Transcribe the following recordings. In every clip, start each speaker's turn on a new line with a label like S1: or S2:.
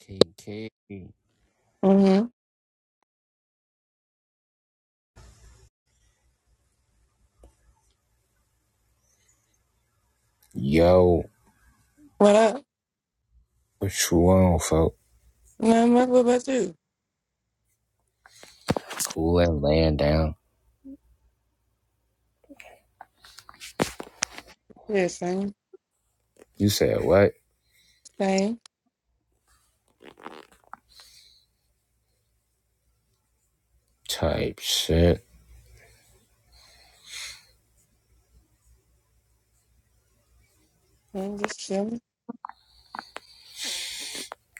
S1: K K,
S2: Mm-hmm.
S1: Yo,
S2: What up?
S1: what you want, folk?
S2: Not much. What about you?
S1: Cool and laying down.
S2: Yeah, same,
S1: You said what?
S2: same.
S1: Type shit.
S2: I'm just chilling.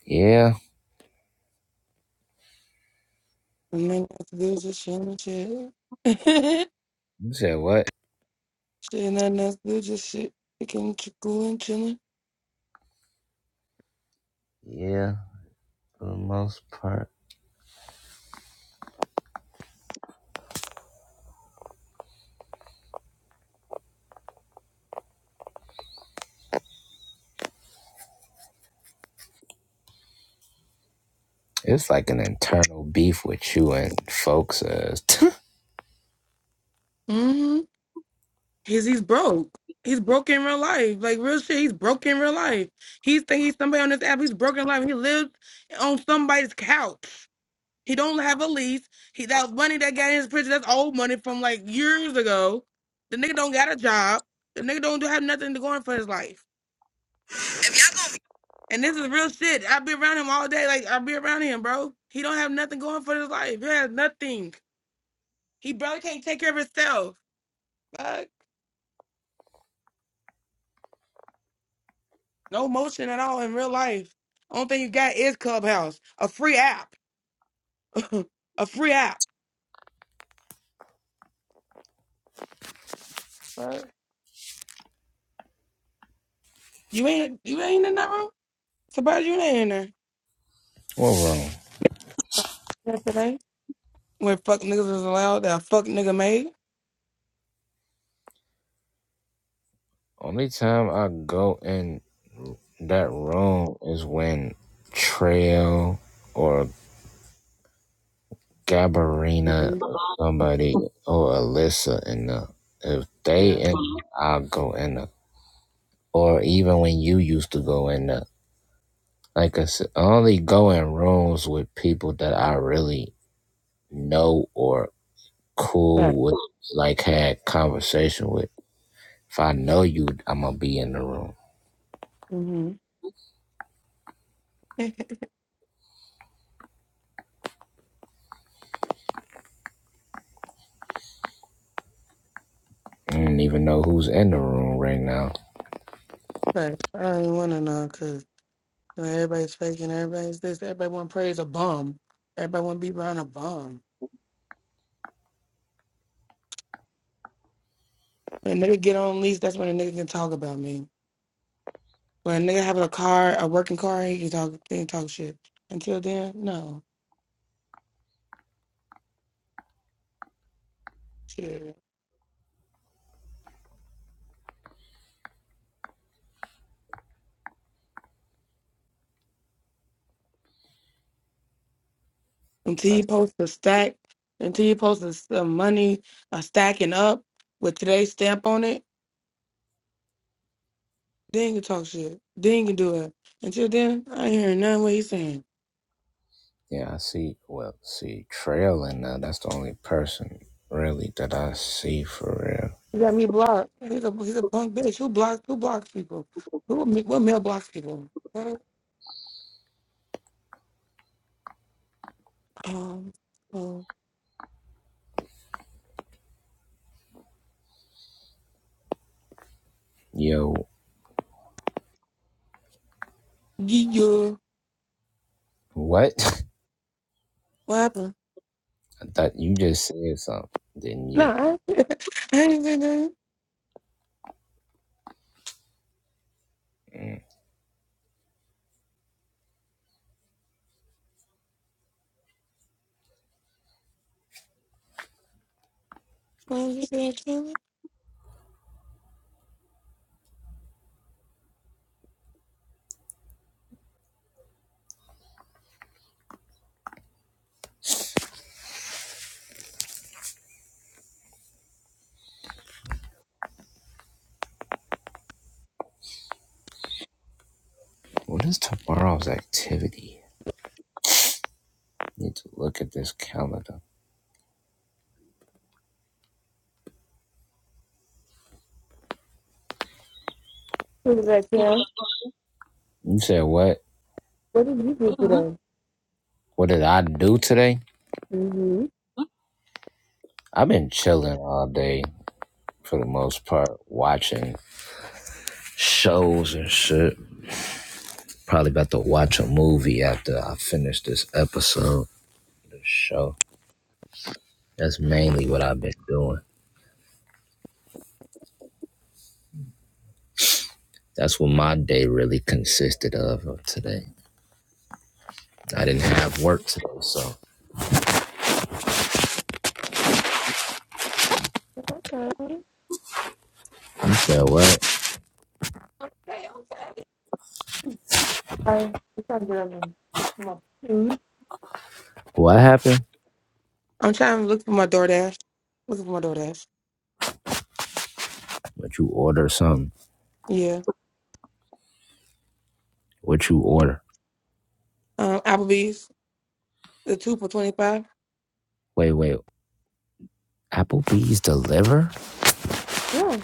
S1: Yeah.
S2: Nothing else to do, just chilling, chill. shit,
S1: You said what?
S2: nothing else to do, just shit. Picking, ch- cooling, chilling.
S1: Yeah, for the most part. It's like an internal beef with you and folks. Uh,
S2: Mm-hmm. Cause he's broke. He's broke in real life. Like real shit, he's broke in real life. He think he's somebody on this app. He's broken life. He lives on somebody's couch. He don't have a lease. He that money that got in his prison, that's old money from like years ago. The nigga don't got a job. The nigga don't do- have nothing to go on for his life. And this is real shit. I be around him all day. Like I be around him, bro. He don't have nothing going for his life. He has nothing. He barely can't take care of himself. Fuck. No motion at all in real life. Only thing you got is Clubhouse, a free app, a free app. Fuck. You ain't you ain't in that room. Surprised you ain't in
S1: what wrong?
S2: there. When fuck niggas is allowed that fuck nigga made?
S1: Only time I go in that room is when Trail or Gabarina,
S2: hmm
S1: or somebody or Alyssa in the. If they
S2: Yeah.
S1: in, I'll go in. the. or even when you used to go in the like I said, I only go in rooms with people that I really know or
S2: Right.
S1: cool with, like had conversation with. If I know you, I'm gonna be in the room.
S2: Mm-hmm.
S1: I don't even know who's in the room right now.
S2: Right. I don't even wanna know because everybody's faking, everybody's this, everybody wanna praise a bum. Everybody wanna be around a bum. When a nigga get on lease, that's when a nigga can talk about me. When a nigga have a car, a working car, he can talk he can talk shit. Until then, no. Shit. Until
S1: I,
S2: you post a stack, until you post a, some money, a stacking up with today's stamp on it, Then you talk shit. Then you do it. Until then, I ain't hearing none of what he's saying.
S1: yeah, I see. Well, see, Trail in there. That's the only person really that I see for real.
S2: He got me blocked. He's a he's a punk bitch. Who blocks who blocks people? Who ma- what male blocks people? Huh? Um, um
S1: Yo,
S2: yeah.
S1: what?
S2: What happened?
S1: I thought you just said something, didn't you?
S2: No, I, I ain't been there.
S1: Mm.
S2: I you just there chilling.
S1: What is tomorrow's activity? Need to look at this calendar.
S2: What did that Kim?
S1: You said what?
S2: What did you do today?
S1: What did I do today?
S2: Mm-hmm.
S1: I've been chilling all day for the most part, watching shows and shit. Probably about to watch a movie after I finish this episode, this show. That's mainly what I've been doing. That's what my day really consisted of of today. I didn't have work today, so
S2: Okay.
S1: you said what?
S2: Okay, okay. I'm trying to get up and look for my food.
S1: What happened?
S2: I'm trying to look for my DoorDash. Looking for my DoorDash.
S1: What you order something.
S2: Yeah.
S1: What you order?
S2: Um, Applebee's. The two for twenty five.
S1: Wait, wait. Applebee's deliver?
S2: Yeah.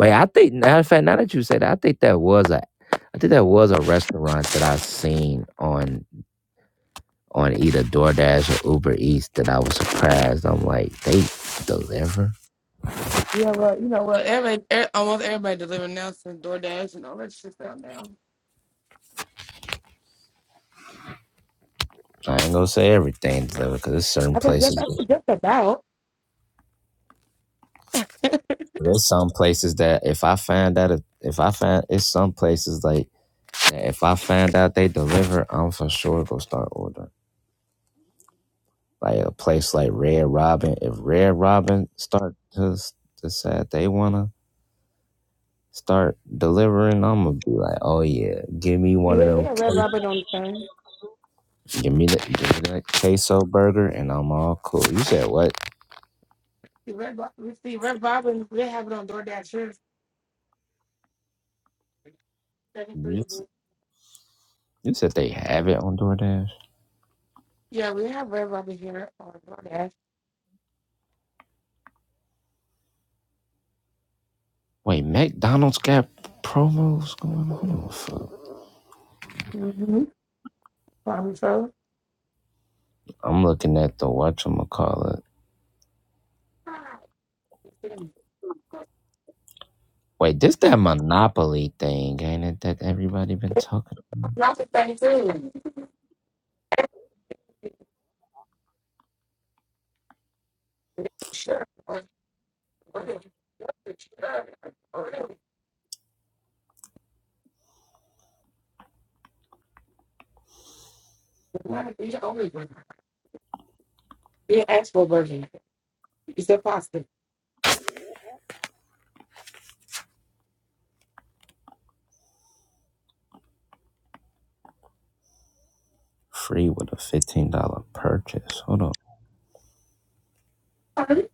S1: Wait, I think now, in fact, now that you say that, I think that was a, I think that was a restaurant that I seen on on either DoorDash or Uber Eats that I was surprised. I'm like, they deliver.
S2: Yeah, well, you know Well, what? everybody, er, almost everybody delivering now since DoorDash and all that shit's down now.
S1: I ain't gonna say everything deliver because there's certain
S2: I said just
S1: places.
S2: I said just about.
S1: There's some places that if I find out if, if I find it's some places like that if I find out they deliver, I'm for sure gonna start ordering. Like a place like Red Robin, if Red Robin start to s- decide they wanna start delivering, I'm gonna be like, oh yeah, give me
S2: You
S1: one of
S2: hear we
S1: them,
S2: got Red
S1: que-
S2: Robin on the phone.
S1: give me the, give me that queso burger, and I'm all cool. You said what?
S2: See, Red, Ro- we see Red Robin. We have it on DoorDash here. Seventy
S1: You,
S2: three.
S1: s- you said they have it on DoorDash.
S2: Yeah, we have Red Robin here on DoorDash.
S1: Wait, McDonald's got promos going on. Fuck.
S2: Mm-hmm. Probably so.
S1: I'm looking at the whatchamacallit. Wait, this that Monopoly thing, ain't it? That everybody been talking about?
S2: Not the same thing. Sure. Or- or- sure. Or- or- You always win. Be an actual version. Is that possible?
S1: Free with a fifteen dollar purchase. Hold on.
S2: Alright.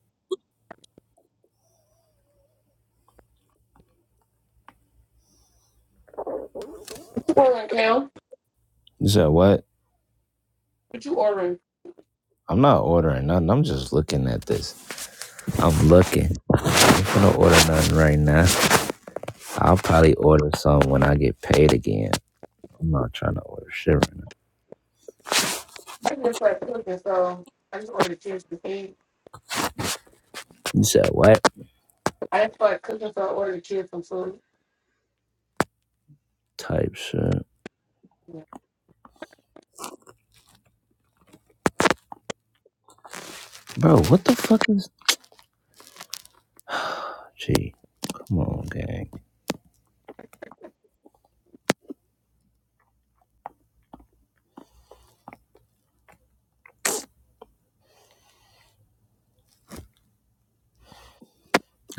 S2: Well, okay.
S1: You said what?
S2: What you ordering?
S1: I'm not ordering nothing. I'm just looking at this. I'm looking. I'm gonna order nothing right now. I'll probably order some when I get paid again. I'm not trying to order shit right now.
S2: I just started cooking, so I just ordered chips and things.
S1: You said what?
S2: I just started cooking, so I ordered chips and food.
S1: Type shit.
S2: Yeah,
S1: Bro, what the fuck is gee, come on, gang.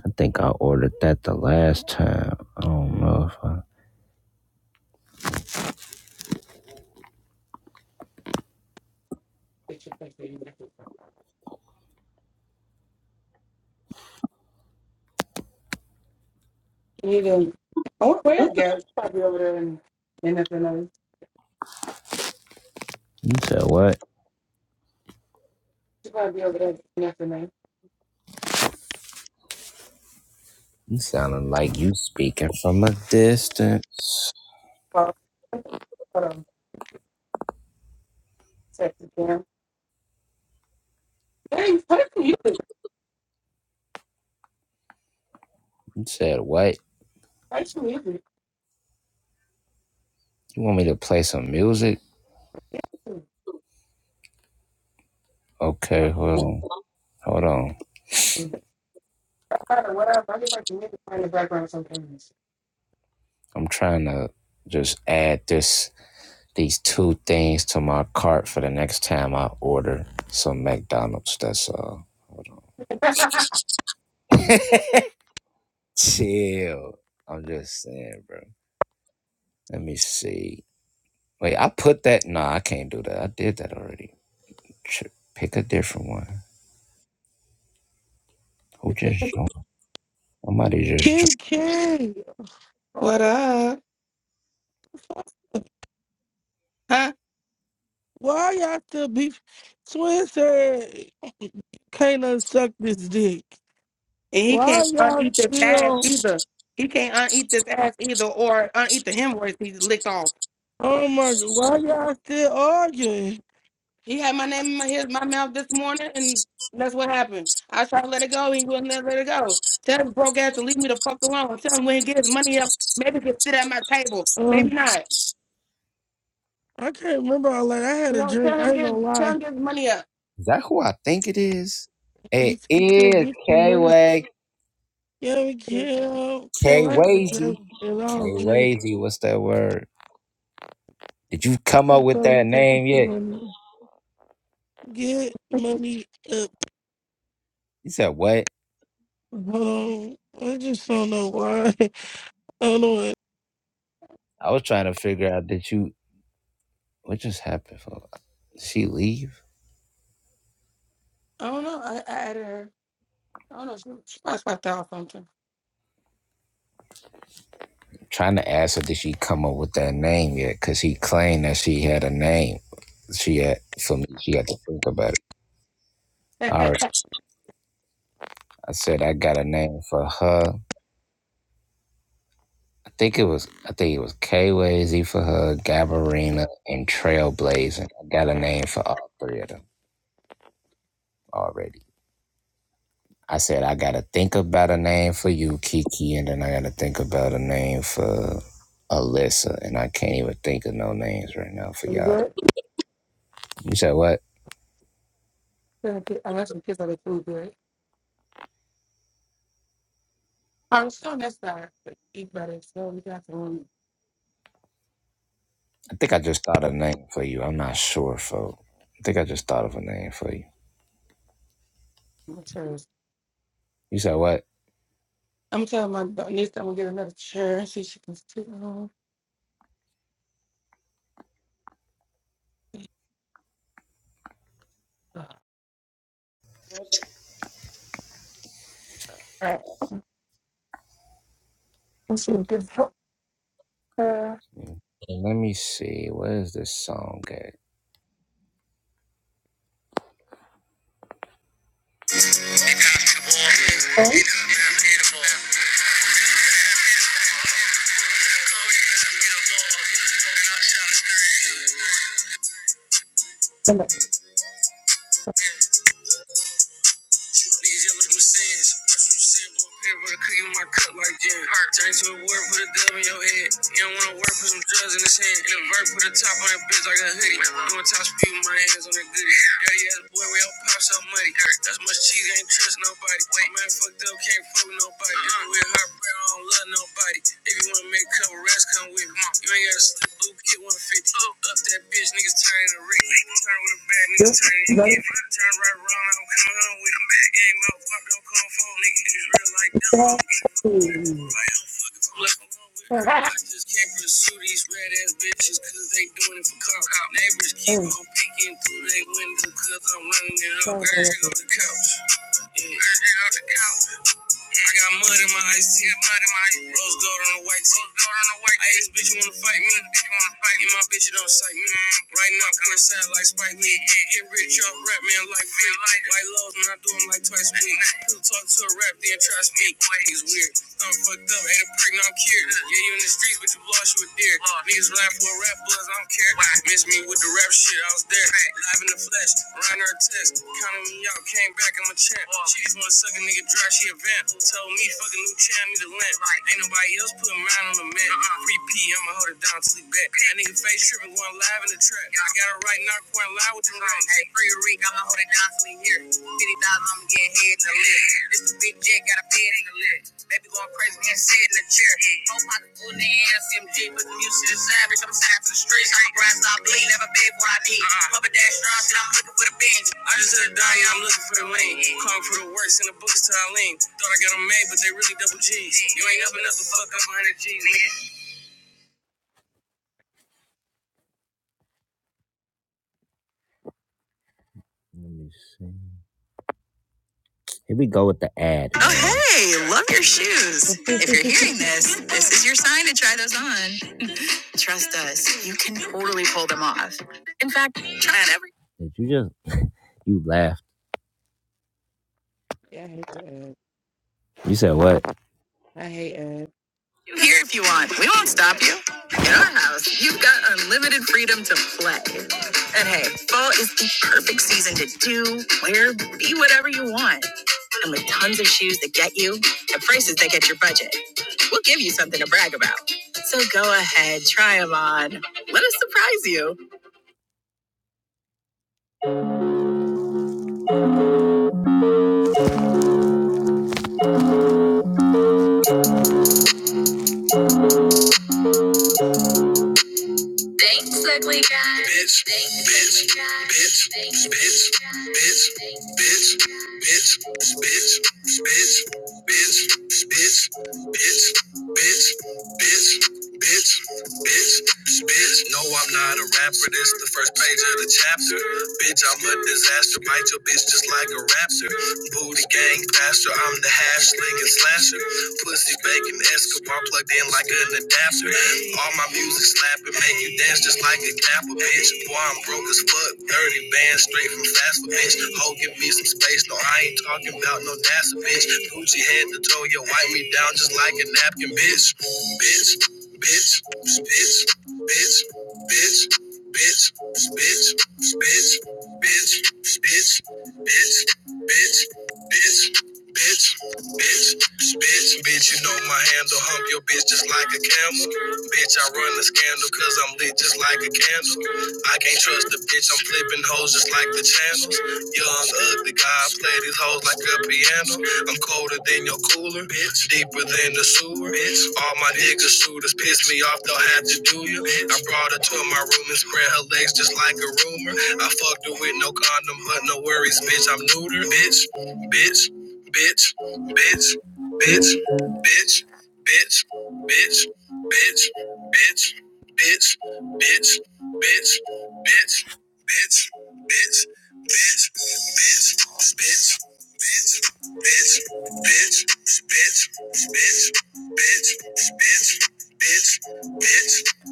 S1: I think I ordered that the last time. I don't know if I
S2: get your plate for you. You do. I wonder where is Gab? She's probably over there in in FNA.
S1: You said what?
S2: She's probably over there in FNA.
S1: You sounding like you speaking from a distance.
S2: Well, hold on. Second cam. Hey, play some music.
S1: You said what?
S2: Play some music.
S1: You want me to play some music? Okay, hold on. Hold on.
S2: Whatever. I just like the music playing in the background sometimes.
S1: I'm trying to just add this these two things to my cart for the next time I order some McDonald's. That's all. Chill. I'm just saying, bro. Let me see. Wait, I put that. Nah, I can't do that. I did that already. Ch- Pick a different one. Who just joined? Somebody just joined.
S3: Kiki,
S2: What up? Huh?
S3: why y'all still be? Twin said Kayla suck this dick.
S2: And he
S3: Why
S2: can't
S3: y'all
S2: uneat this ass
S3: still?
S2: either. He can't uneat this ass either or uneat the hemorrhoids he licked off.
S3: Oh my god, why y'all still arguing?
S2: He had my name in my, his, my mouth this morning and that's what happened. I tried to let it go. and He wouldn't let let it go. Tell his broke ass to leave me the fuck alone. Tell him when he gets his money up, maybe he can sit at my table.
S3: Uh,
S2: Maybe not.
S3: I can't remember all that. I had
S2: You
S3: a
S2: know,
S3: drink.
S2: tell
S3: I
S2: him
S3: ain't gonna
S2: get tell
S3: lie.
S2: him get his money up.
S1: Is that who I think it is?
S3: You
S1: It
S3: can still
S1: is
S3: get some money.
S1: K-Way.
S3: Yeah, we can. Kim, I had a
S1: K-Wazy.
S3: drink and I was drink.
S1: K-Wazy, what's that word? Did you
S3: I'm
S1: come up
S3: pretty
S1: with
S3: sure
S1: that
S3: you taking
S1: name
S3: some
S1: yet?
S3: money. Get money up.
S1: He said, what?
S3: Hold on. I just don't know why. I don't know.
S1: I was trying to figure out that you What just happened? For she leave?
S2: I don't know. I, I added her. I don't know. She, she probably swiped out or something.
S1: I'm trying to ask her did she come up with that name yet? Cause he claimed that she had a name. She had for me. She had to think about it.
S2: Is
S1: All right. I said I got a name for her. I think it was I think it was K Wazy for her, Gabarina, and Trailblazing. I got a name for all three of them already. I said I gotta think about a name for you, Kiki, and then I gotta think about a name for Alyssa, and I can't even think of no names right now for
S2: it
S1: y'all.
S2: good?
S1: You said what?
S2: Unless the kids are the food good. I was so necessary. to Eat better. So we got to.
S1: I think I just thought of a name for you. I'm not sure, folks. I think I just thought of a name for you.
S2: my chairs.
S1: You said what?
S2: I'm telling my da- niece I'm gonna get another chair and see if she can sit on. All right, let's see. Give her her-
S1: Let me see. Where is this song at?
S2: Right? and the- this- this- that- ooh. Ooh, sorry about that.
S1: free Rick, I'ma hold it down till he here. fifty thousand I'm getting heads in the lip. This the big jet got a bed in the lift. Baby going crazy, can't sit in the chair. Four pockets full in the CMG, but the music is savage. I'm signed for the streets. I'm grass, I bleed, never beg for what I need. Papa dash strong, shit, I'm looking for the binge. I just said die, yeah, I'm looking for the lane. Calling for the works in the books till I lean. Thought I got 'em made, but they really double G's. You ain't up enough to fuck up 100 G's, nigga. Let me see. Here we go with the ad Oh, hey, love your shoes. If you're hearing this, this is your sign to try those on. Trust us, you can totally pull them off. In fact, try on every. Did you just you laughed.
S2: Yeah, I hate to add.
S1: You said what?
S2: I hate ads.
S1: You Here if you want. We won't stop you. In our house, you've got unlimited freedom to play. And hey, fall is the perfect season to do, wear, be whatever you want. And with tons of shoes that get you at prices that get your budget, we'll give you something to brag about. So go ahead, try them on. Let us surprise you. Thanks, ugly guy. Bitch, bitch, bitch, bitch, bitch, bitch, bitch, bitch, bitch, bitch, bitch, bitch, bitch, bitch, bitch, bitch, bitch, bitch. No, I'm not a rapper. This the first page of the chapter. Bitch, I'm a disaster. Bite your bitch just like a raptor. Booty gang faster. I'm the hash slinging slasher. Pussy Megan Escobar plugged in like an adapter. All my music slapping, make you dance just like a Kappa bitch. Boy, I'm broke as fuck. 30 bands straight from Fast bitch. Ho, give me some space. No, I ain't talking about no Dasa bitch. Gucci head to toe, yo, wipe me down just like a napkin, bitch. Bitch, bitch, bitch, bitch, bitch, bitch, bitch, bitch, bitch, bitch, bitch, bitch, bitch. Bitch, bitch, bitch, bitch, you know my handle. Hump your bitch just like a camel. Bitch, I run the scandal cause I'm lit just like a candle. I can't trust the bitch, I'm flipping hoes just like the channels. Young, ugly guy, play these hoes like a piano. I'm colder than your cooler, bitch, deeper than the sewer. Bitch. All my niggas shooters piss me off, they'll have to do you. I brought her to my room and spread her legs just like a rumor. I fucked her with no condom, but no worries, bitch, I'm neuter, bitch. Bitch,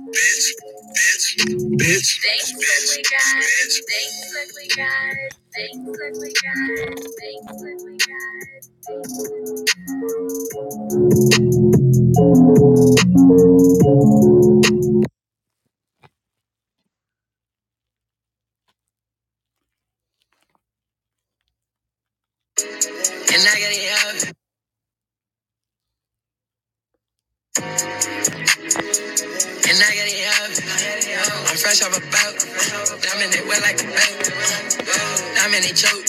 S1: Bitch, bitch, bitch. Thanks, ugly bitch, Thanks, ugly guys. Thanks, ugly guys. Thanks, ugly guys. And I got it up. And I got it up. I'm fresh off a boat. I'm in it wet like a boat. I'm in it choke.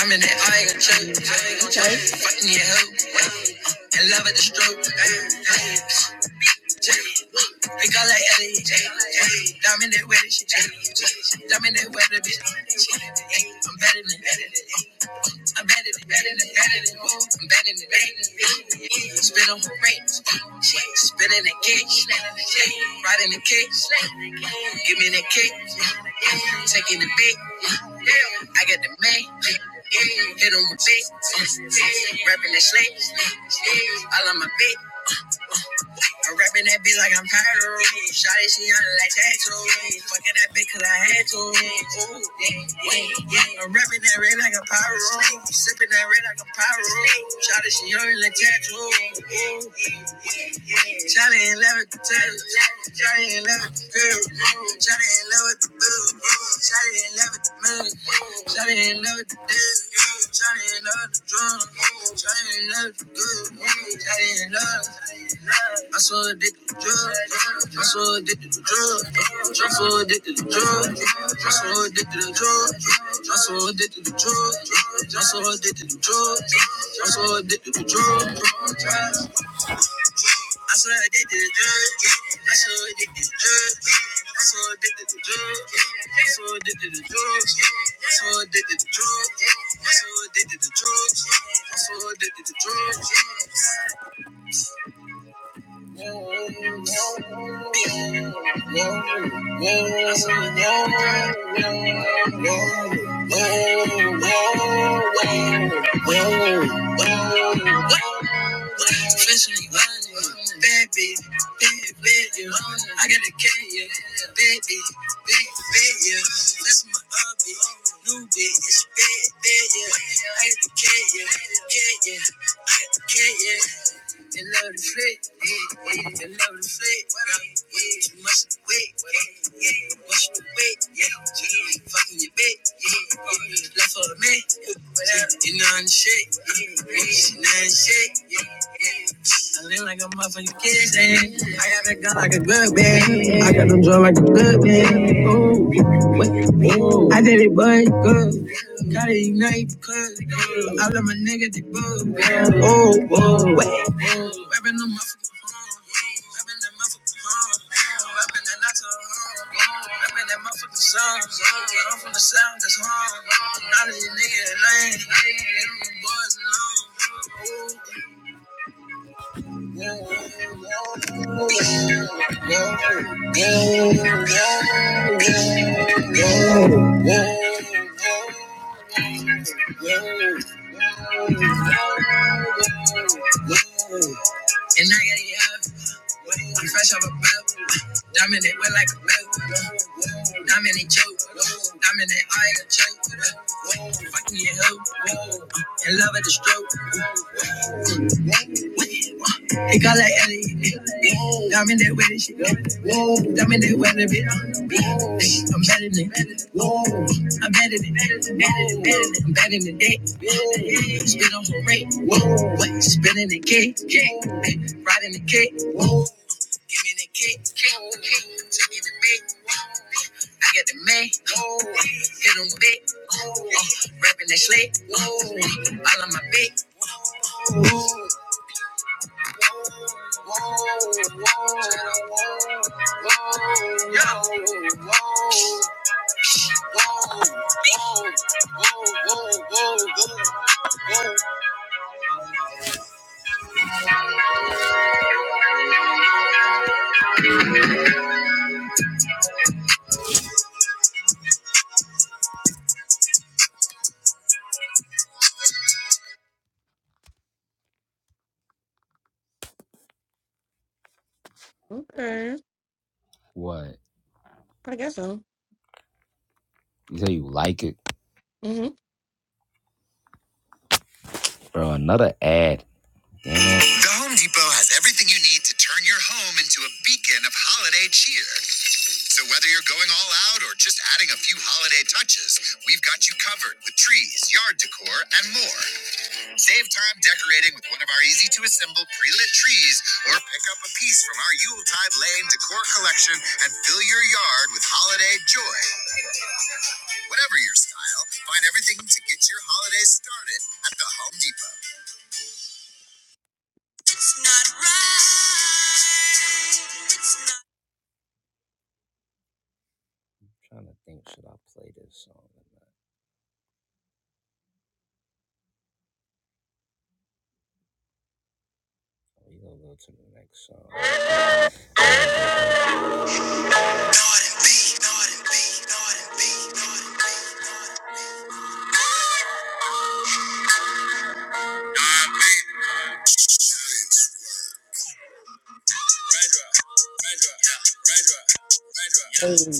S1: I'm in it all you gon' choke.
S2: Mm, Okay.
S1: Fucking your hoe. And love at the stroke. Pick up like Ellie, diamond that weather shit, diamond that weather bitch. I'm better than I'm better than better than better than I'm better than better. Spit on the brakes, spit in the kicks, right in the kicks. Give me that kick, taking the big. I got the man, hit on my bitch, rapping the slick. I love my bitch. I'm rapping that bitch like I'm Pyro. Shot she on like tattoos. Fucking that bitch cause I had to. Ooh, yeah, yeah, yeah. I'm rapping that red like a Pyro. Sipping that red like a Pyro. Shot she on it like tattoos. Ooh, yeah. Johnny in love with the turtle. Johnny in love with the girl. Johnny in love with the boo. Johnny in love with the moon. Johnny in love with the dude. Johnny in love with the drum. Johnny ain't love with the good. Johnny ain't love. I'm so addicted to drugs. What? What? Professionally running. Bad bitch. Bad, yeah. I got a cat, yeah. baby, baby, Bad, yeah. That's my old bitch. It's bad, baby, yeah. I got the cat, yeah. K, yeah. K, yeah. They love the flick. Yeah, yeah. They love the flick. Yeah. Too much to wait. Yeah, yeah. Much to wait. Yeah. She ain't fucking your bitch. Yeah, yeah. Left for a man. Sixty nine shake, sixty nine shit. I live like a motherfucking kid. eh. I got that gun like a good man. I got them drunk like a good man. Ooh, what? I did it, boy, good. Gotta ignite, cuz. I love my nigga, they bug so I'm from the sound that's hard. Not of these niggas lame. They do boys alone. And I got you up. I'm fresh off a belt. Dominant, we're like a milk. Dominant choke. Dominant, I ain't a choke. Fucking your hoe. In love at the stroke. It got like Ellie. Dominant with it. shit. Dominant with it. bitch. I'm better than it. I'm better than it. I'm better than it. Spit on the rate. Spit in the cake. Right in the cake. Give me the cake, cake, cake, take it to bake. oh, I got the man, oh, hit him big, oh, uh, rapping that slick, oh, all on my big. oh, Whoa, whoa, whoa, whoa, whoa. whoa.
S2: Okay.
S1: What?
S2: I guess so.
S1: You say you like it, bro? Another ad. Damn it. I'm trying to think, should I play this song or not? We gonna go to the next song.
S2: Mm-hmm.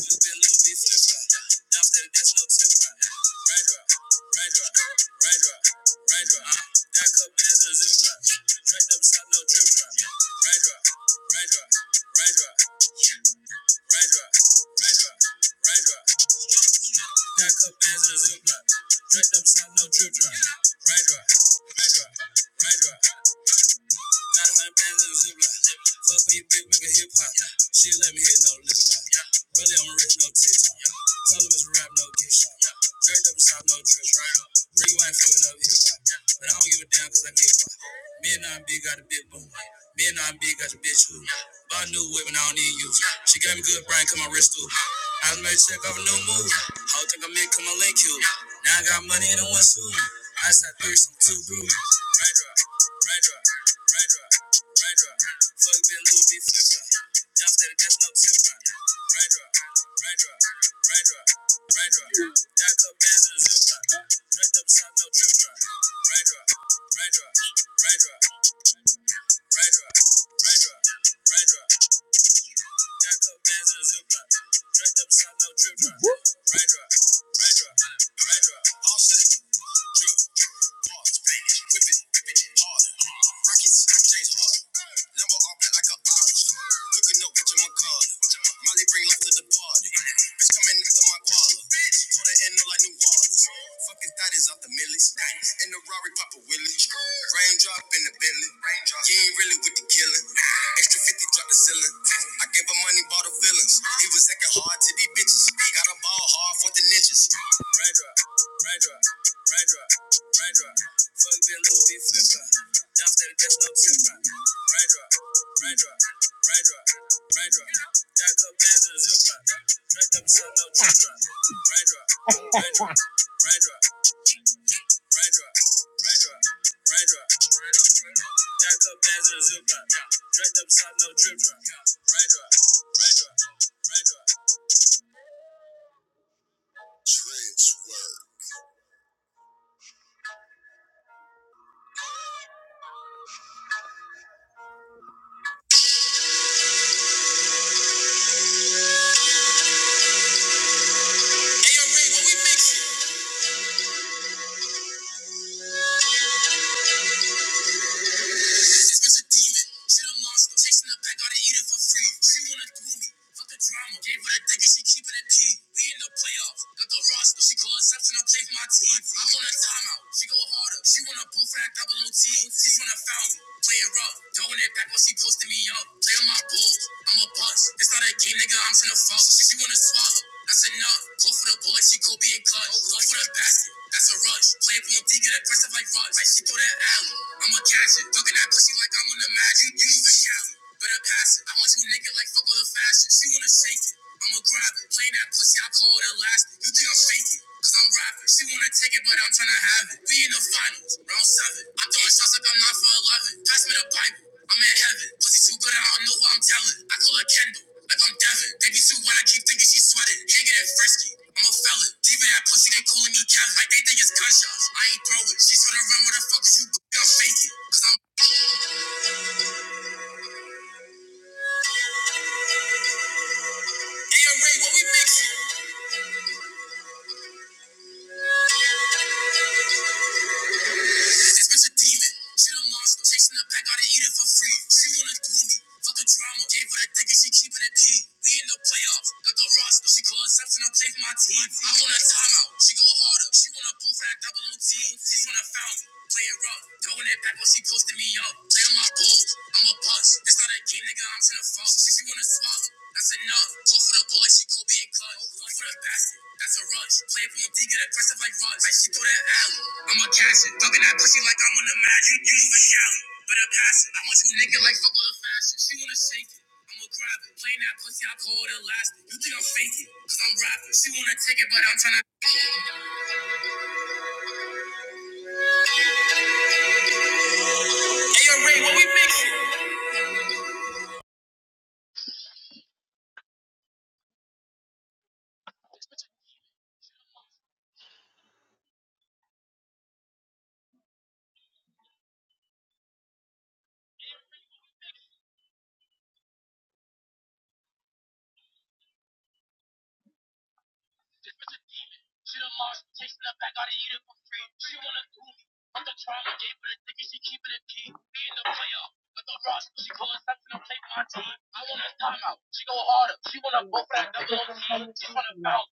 S1: She pulls up and I'm taking my time. I want a timeout. She go harder. She wanna go for that double OT. She wanna bounce.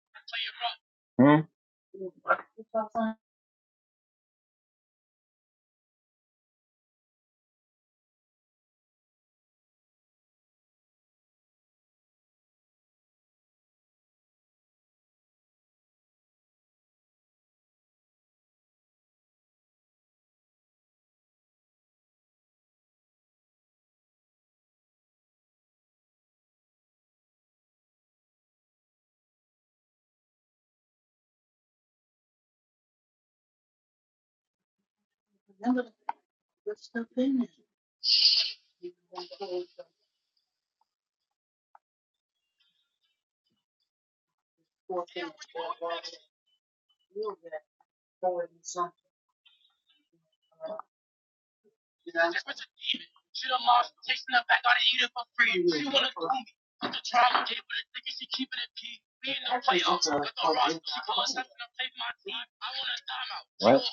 S1: She wanna play up. to the run. What?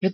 S1: Hey,